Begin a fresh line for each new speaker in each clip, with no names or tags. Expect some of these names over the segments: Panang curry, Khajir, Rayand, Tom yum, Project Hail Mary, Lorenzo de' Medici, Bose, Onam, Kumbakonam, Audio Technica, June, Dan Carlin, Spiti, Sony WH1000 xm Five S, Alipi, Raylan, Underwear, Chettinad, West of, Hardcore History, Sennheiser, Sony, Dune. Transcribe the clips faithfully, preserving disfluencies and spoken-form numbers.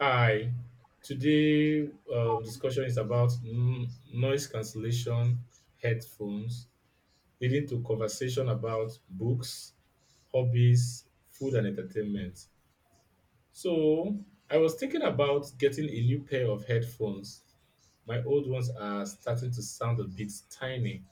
Hi. Today, uh, discussion is about n- noise cancellation headphones, leading to conversation about books, hobbies, food, and entertainment. So, I was thinking about getting a new pair of headphones. My old ones are starting to sound a bit tiny.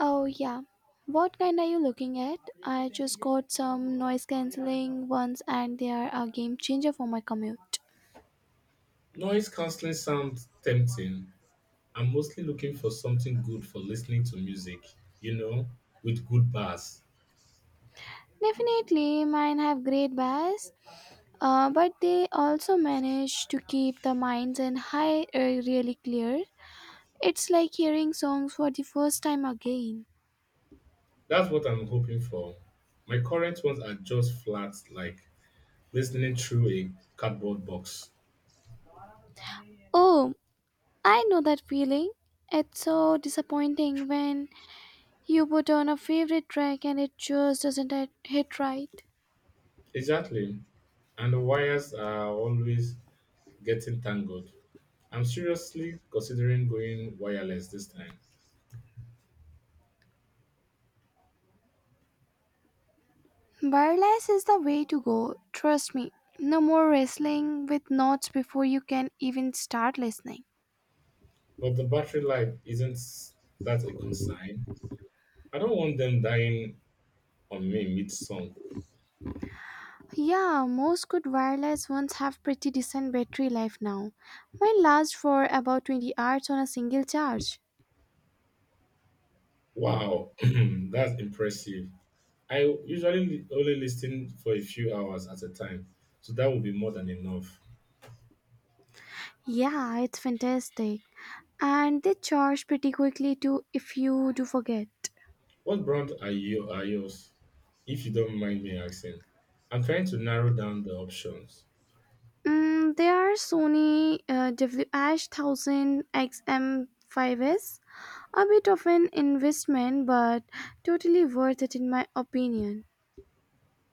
Oh, yeah. What kind are you looking at? I just got some noise cancelling ones and they are a game changer for my commute.
Noise cancelling sounds tempting. I'm mostly looking for something good for listening to music, you know, with good bass.
Definitely, mine have great bass, uh, but they also manage to keep the minds and high uh, really clear. It's like hearing songs for the first time again.
That's what I'm hoping for. My current ones are just flat, like listening through a cardboard box.
Oh, I know that feeling. It's so disappointing when you put on a favorite track and it just doesn't hit hit right.
Exactly. And the wires are always getting tangled. I'm seriously considering going wireless this time,
Wireless is the way to go, trust me. No more wrestling with knots before you can even start listening.
but the battery life isn't that a concern. I don't want them dying on me mid song.
Yeah, most good wireless ones have pretty decent battery life now. Mine lasts for about twenty hours on a single charge.
Wow, that's impressive. I usually only listen for a few hours at a time, so that would be more than enough.
Yeah, it's fantastic. And they charge pretty quickly too if you do forget.
What brand are you are yours? If you don't mind me asking. I'm trying to narrow down the options.
Mm, they are Sony uh, W H one thousand X M five S. A bit of an investment but totally worth it in my opinion.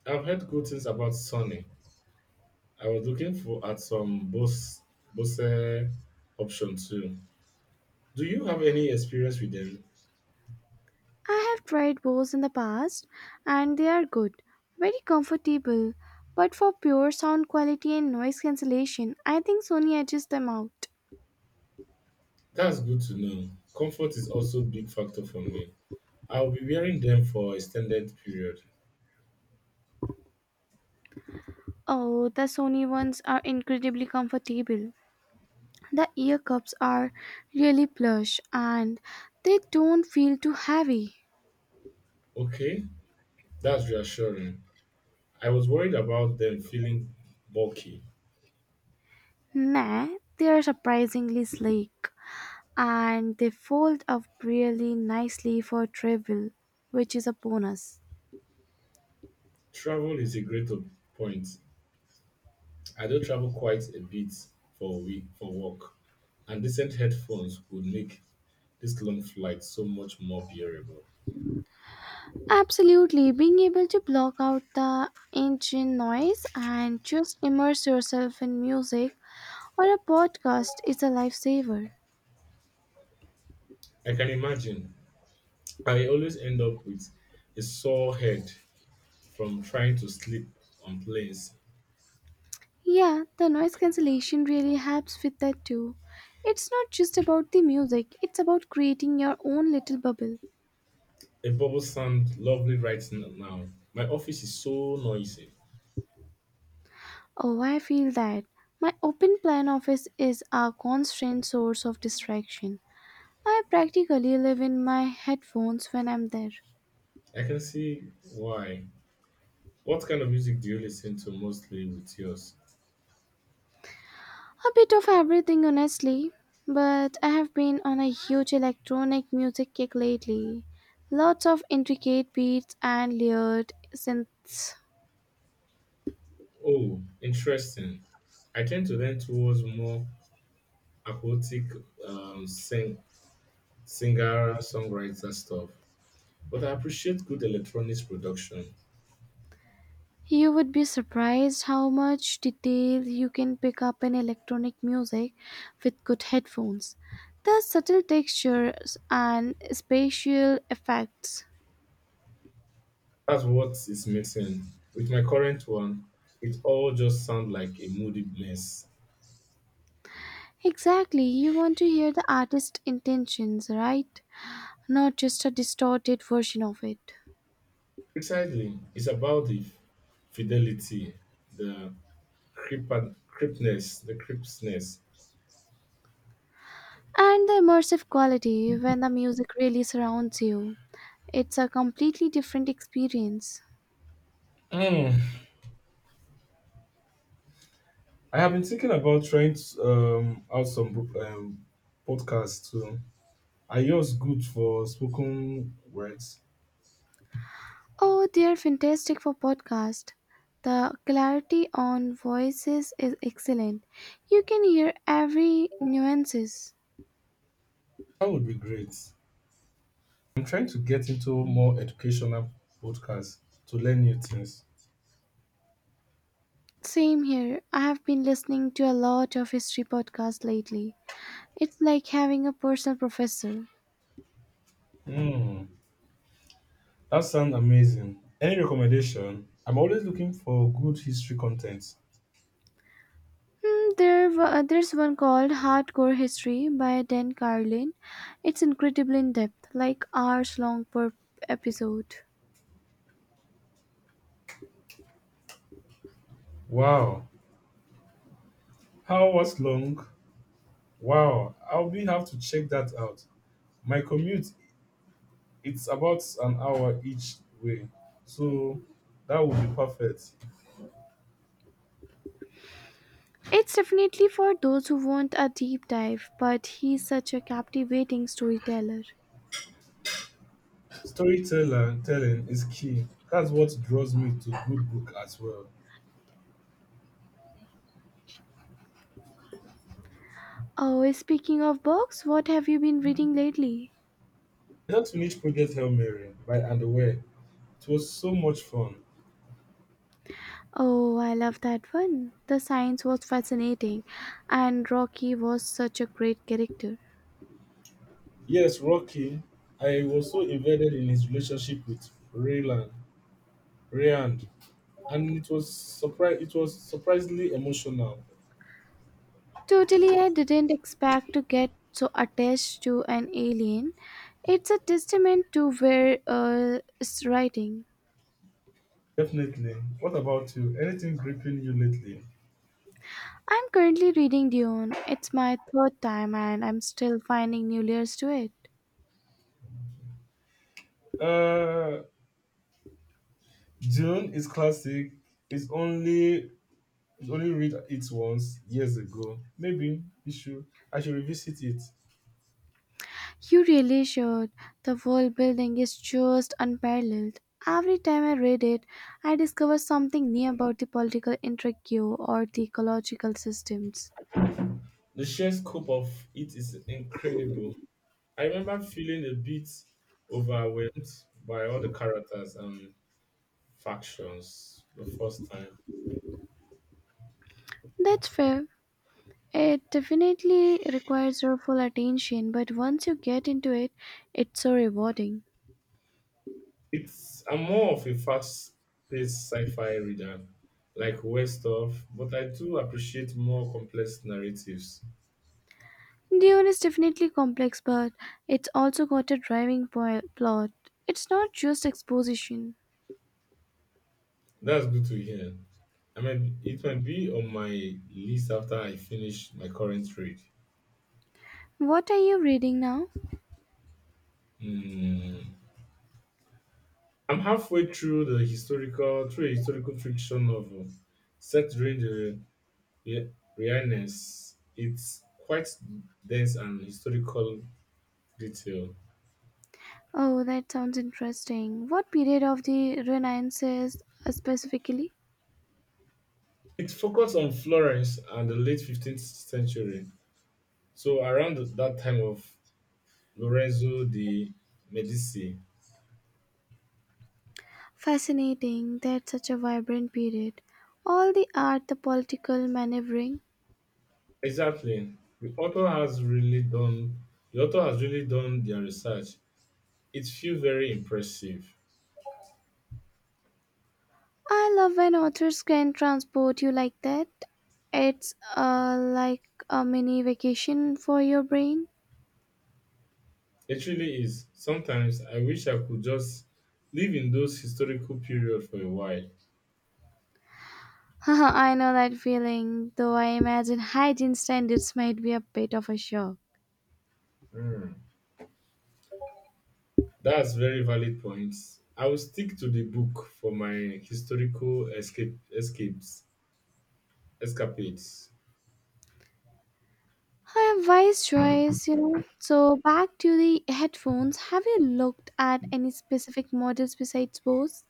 I've heard good things about Sony. I was looking for at some Bose Bose option too. Do you have any experience with them?
I have tried Bose in the past and they are good, very comfortable, but for pure sound quality and noise cancellation, I think Sony edges them out.
That's good to know. Comfort is also a big factor for me. I'll be wearing them for extended period.
Oh, the Sony ones are incredibly comfortable. The ear cups are really plush and they don't feel too heavy.
Okay, that's reassuring. I was worried about them feeling bulky.
Nah, they are surprisingly sleek and they fold up really nicely for travel, which is a bonus.
Travel is a great op- point. I do travel quite a bit for week for work, and decent headphones would make this long flight so much more bearable.
Absolutely, being able to block out the engine noise and just immerse yourself in music or a podcast is a lifesaver.
I can imagine. I always end up with a sore head from trying to sleep on planes.
Yeah, the noise cancellation really helps with that too. It's not just about the music, it's about creating your own little bubble.
A bubble sound lovely right n- now. My office is so noisy.
Oh, I feel that. My open plan office is a constant source of distraction. I practically live in my headphones when I'm there.
I can see why. What kind of music do you listen to mostly with yours?
A bit of everything, honestly, but I have been on a huge electronic music kick lately. Lots of intricate beats and layered synths.
Oh, interesting. I tend to lean towards more aquatic um, sing singer, songwriter stuff. But I appreciate good electronics production.
You would be surprised how much detail you can pick up in electronic music with good headphones. The subtle textures and spatial effects.
That's what is missing. With my current one, it all just sounds like a moody mess.
Exactly, you want to hear the artist's intentions, right? Not just a distorted version of it.
Precisely, it's about the fidelity, the creep- creepness, the crispness.
And the immersive quality when the music really surrounds you. It's a completely different experience.
Mm. I have been thinking about trying to, um, out some um, podcasts too. Are yours good for spoken words?
Oh, they're fantastic for podcast. The clarity on voices is excellent. You can hear every nuances.
That would be great. I'm trying to get into more educational podcasts to learn new things.
Same here. I have been listening to a lot of history podcasts lately. It's like having a personal professor.
Hmm, that sounds amazing. Any recommendation? I'm always looking for good history content.
Hmm, there, wa- there's one called Hardcore History by Dan Carlin. It's incredibly in depth, like hours long per episode.
Wow, how was long? Wow, I'll be have to check that out. My commute, it's about an hour each way, so that would be perfect.
It's definitely for those who want a deep dive, but he's such a captivating storyteller.
Storyteller telling is key. That's what draws me to good book as well.
Oh, speaking of books, what have you been reading lately?
I just finished Project Hail Mary by Underwear. It was so much fun.
Oh, I love that one. The science was fascinating, and Rocky was such a great character.
Yes, Rocky. I was so invested in his relationship with Raylan, Rayand, and it was surprise. It was surprisingly emotional.
Totally, I didn't expect to get so attached to an alien. It's a testament to where uh, it's writing.
Definitely. What about you? Anything gripping you lately?
I'm currently reading Dune. It's my third time, and I'm still finding new layers to it.
Uh, June is classic. It's only it's only read it once years ago. Maybe you should I should revisit it.
You really should. The world building is just unparalleled. Every time I read it, I discover something new about the political intrigue or the ecological systems.
The sheer scope of it is incredible. I remember feeling a bit overwhelmed by all the characters and factions the first time.
That's fair. It definitely requires your full attention, but once you get into it, it's so rewarding.
It's I'm more of a fast-paced sci-fi reader, like West of, but I do appreciate more complex narratives.
Dune is definitely complex, but it's also got a driving po- plot. It's not just exposition.
That's good to hear. I mean, it might be on my list after I finish my current read.
What are you reading now?
Hmm. I'm halfway through the historical, through a historical fiction novel set during the Re- realness. It's quite dense and historical detail.
Oh, that sounds interesting. What period of the Renaissance uh, specifically?
It focused on Florence and the late fifteenth century, so around that time of Lorenzo de' Medici.
Fascinating. That's such a vibrant period. All the art, the political maneuvering.
Exactly. The author has really done the author has really done their research. It feels very impressive.
I love when authors can transport you like that. It's uh, like a mini vacation for your brain.
It really is. Sometimes I wish I could just live in those historical period for a while.
I know that feeling, though I imagine hygiene standards might be a bit of a shock.
That's very valid points. I will stick to the book for my historical escape escapes escapades.
I have wise choice, you know. So back to the headphones. Have you looked at any specific models besides Bose?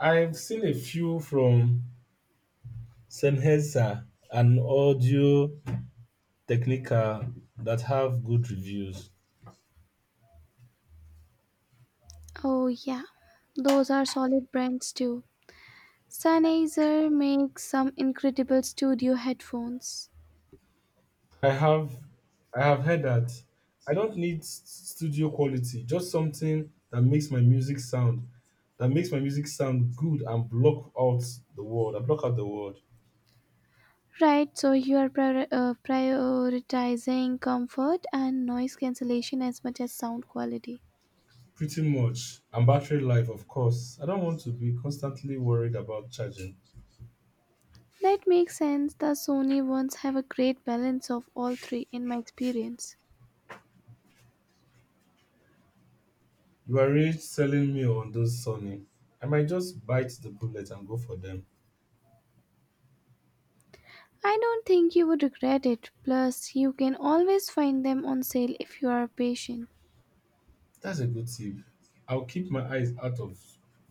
I've seen a few from Sennheiser and Audio Technica that have good reviews.
Oh yeah, those are solid brands too. Sennheiser makes some incredible studio headphones.
I have I have heard that I don't need s- studio quality, just something that makes my music sound that makes my music sound good and block out the world. I block out the world.
Right, so you are prior- uh, prioritizing comfort and noise cancellation as much as sound quality.
Pretty much. And battery life, of course. I don't want to be constantly worried about charging.
That makes sense. The Sony ones have a great balance of all three in my experience.
You are really selling me on those Sony. I might just bite the bullet and go for them.
I don't think you would regret it. Plus, you can always find them on sale if you are patient.
That's a good tip. I'll keep my eyes out of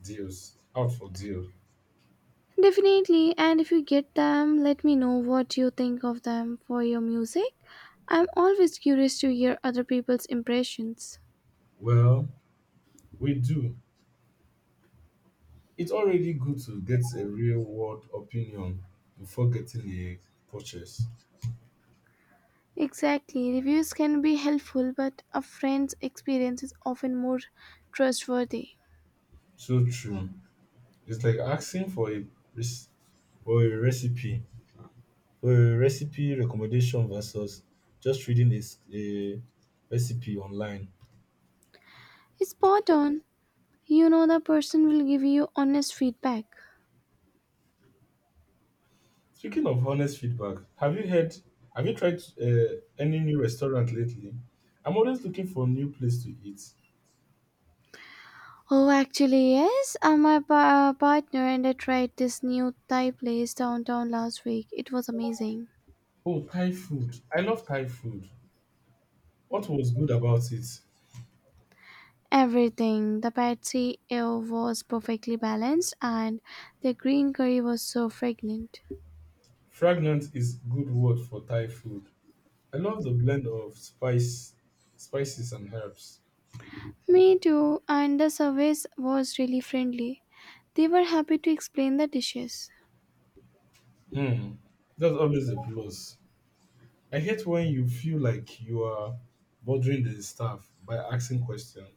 deals, out for deal.
Definitely, and if you get them, let me know what you think of them for your music. I'm always curious to hear other people's impressions.
Well, we do. It's already good to get a real world opinion before getting a purchase.
Exactly, reviews can be helpful, but a friend's experience is often more trustworthy.
So true. It's like asking for a rec- for a recipe. A recipe recommendation versus just reading a, s- a recipe online.
Spot on. You know the person will give you honest feedback.
Speaking of honest feedback, have you heard? Have you tried uh, any new restaurant lately? I'm always looking for a new place to eat.
Oh, actually, yes. Uh, my pa- uh, partner and I tried this new Thai place downtown last week. It was amazing.
Oh, Thai food! I love Thai food. What was good about it?
Everything. The pad see ew was perfectly balanced, and the green curry was so fragrant.
Fragrant is good word for Thai food. I love the blend of spice, spices and herbs.
Me too. And the service was really friendly. They were happy to explain the dishes.
Hmm, that's always a plus. I hate when you feel like you are bothering the staff by asking questions.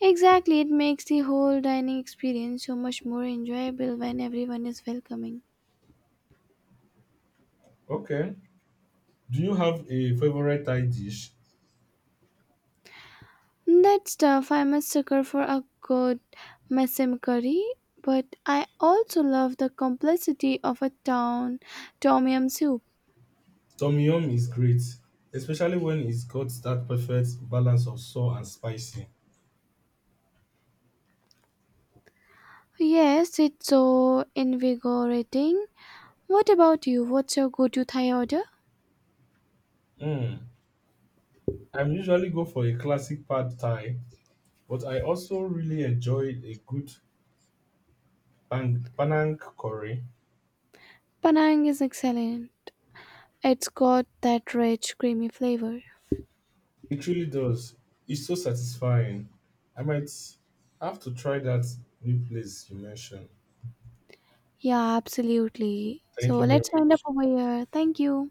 Exactly, it makes the whole dining experience so much more enjoyable when everyone is welcoming.
Okay. Do you have a favorite Thai dish?
That stuff, I'm a sucker for a good Mesem curry, but I also love the complexity of a town tom yum soup.
Tom yum is great, especially when it's got that perfect balance of sour and spicy.
Yes, it's so invigorating. What about you? What's your go-to Thai order?
Mm. I usually go for a classic pad Thai, but I also really enjoy a good pan- Panang curry.
Panang is excellent. It's got that rich, creamy flavor.
It really does. It's so satisfying. I might have to try that new place you mentioned.
Yeah, absolutely.
Thank
So
you very
let's wind up
much.
over here. Thank you.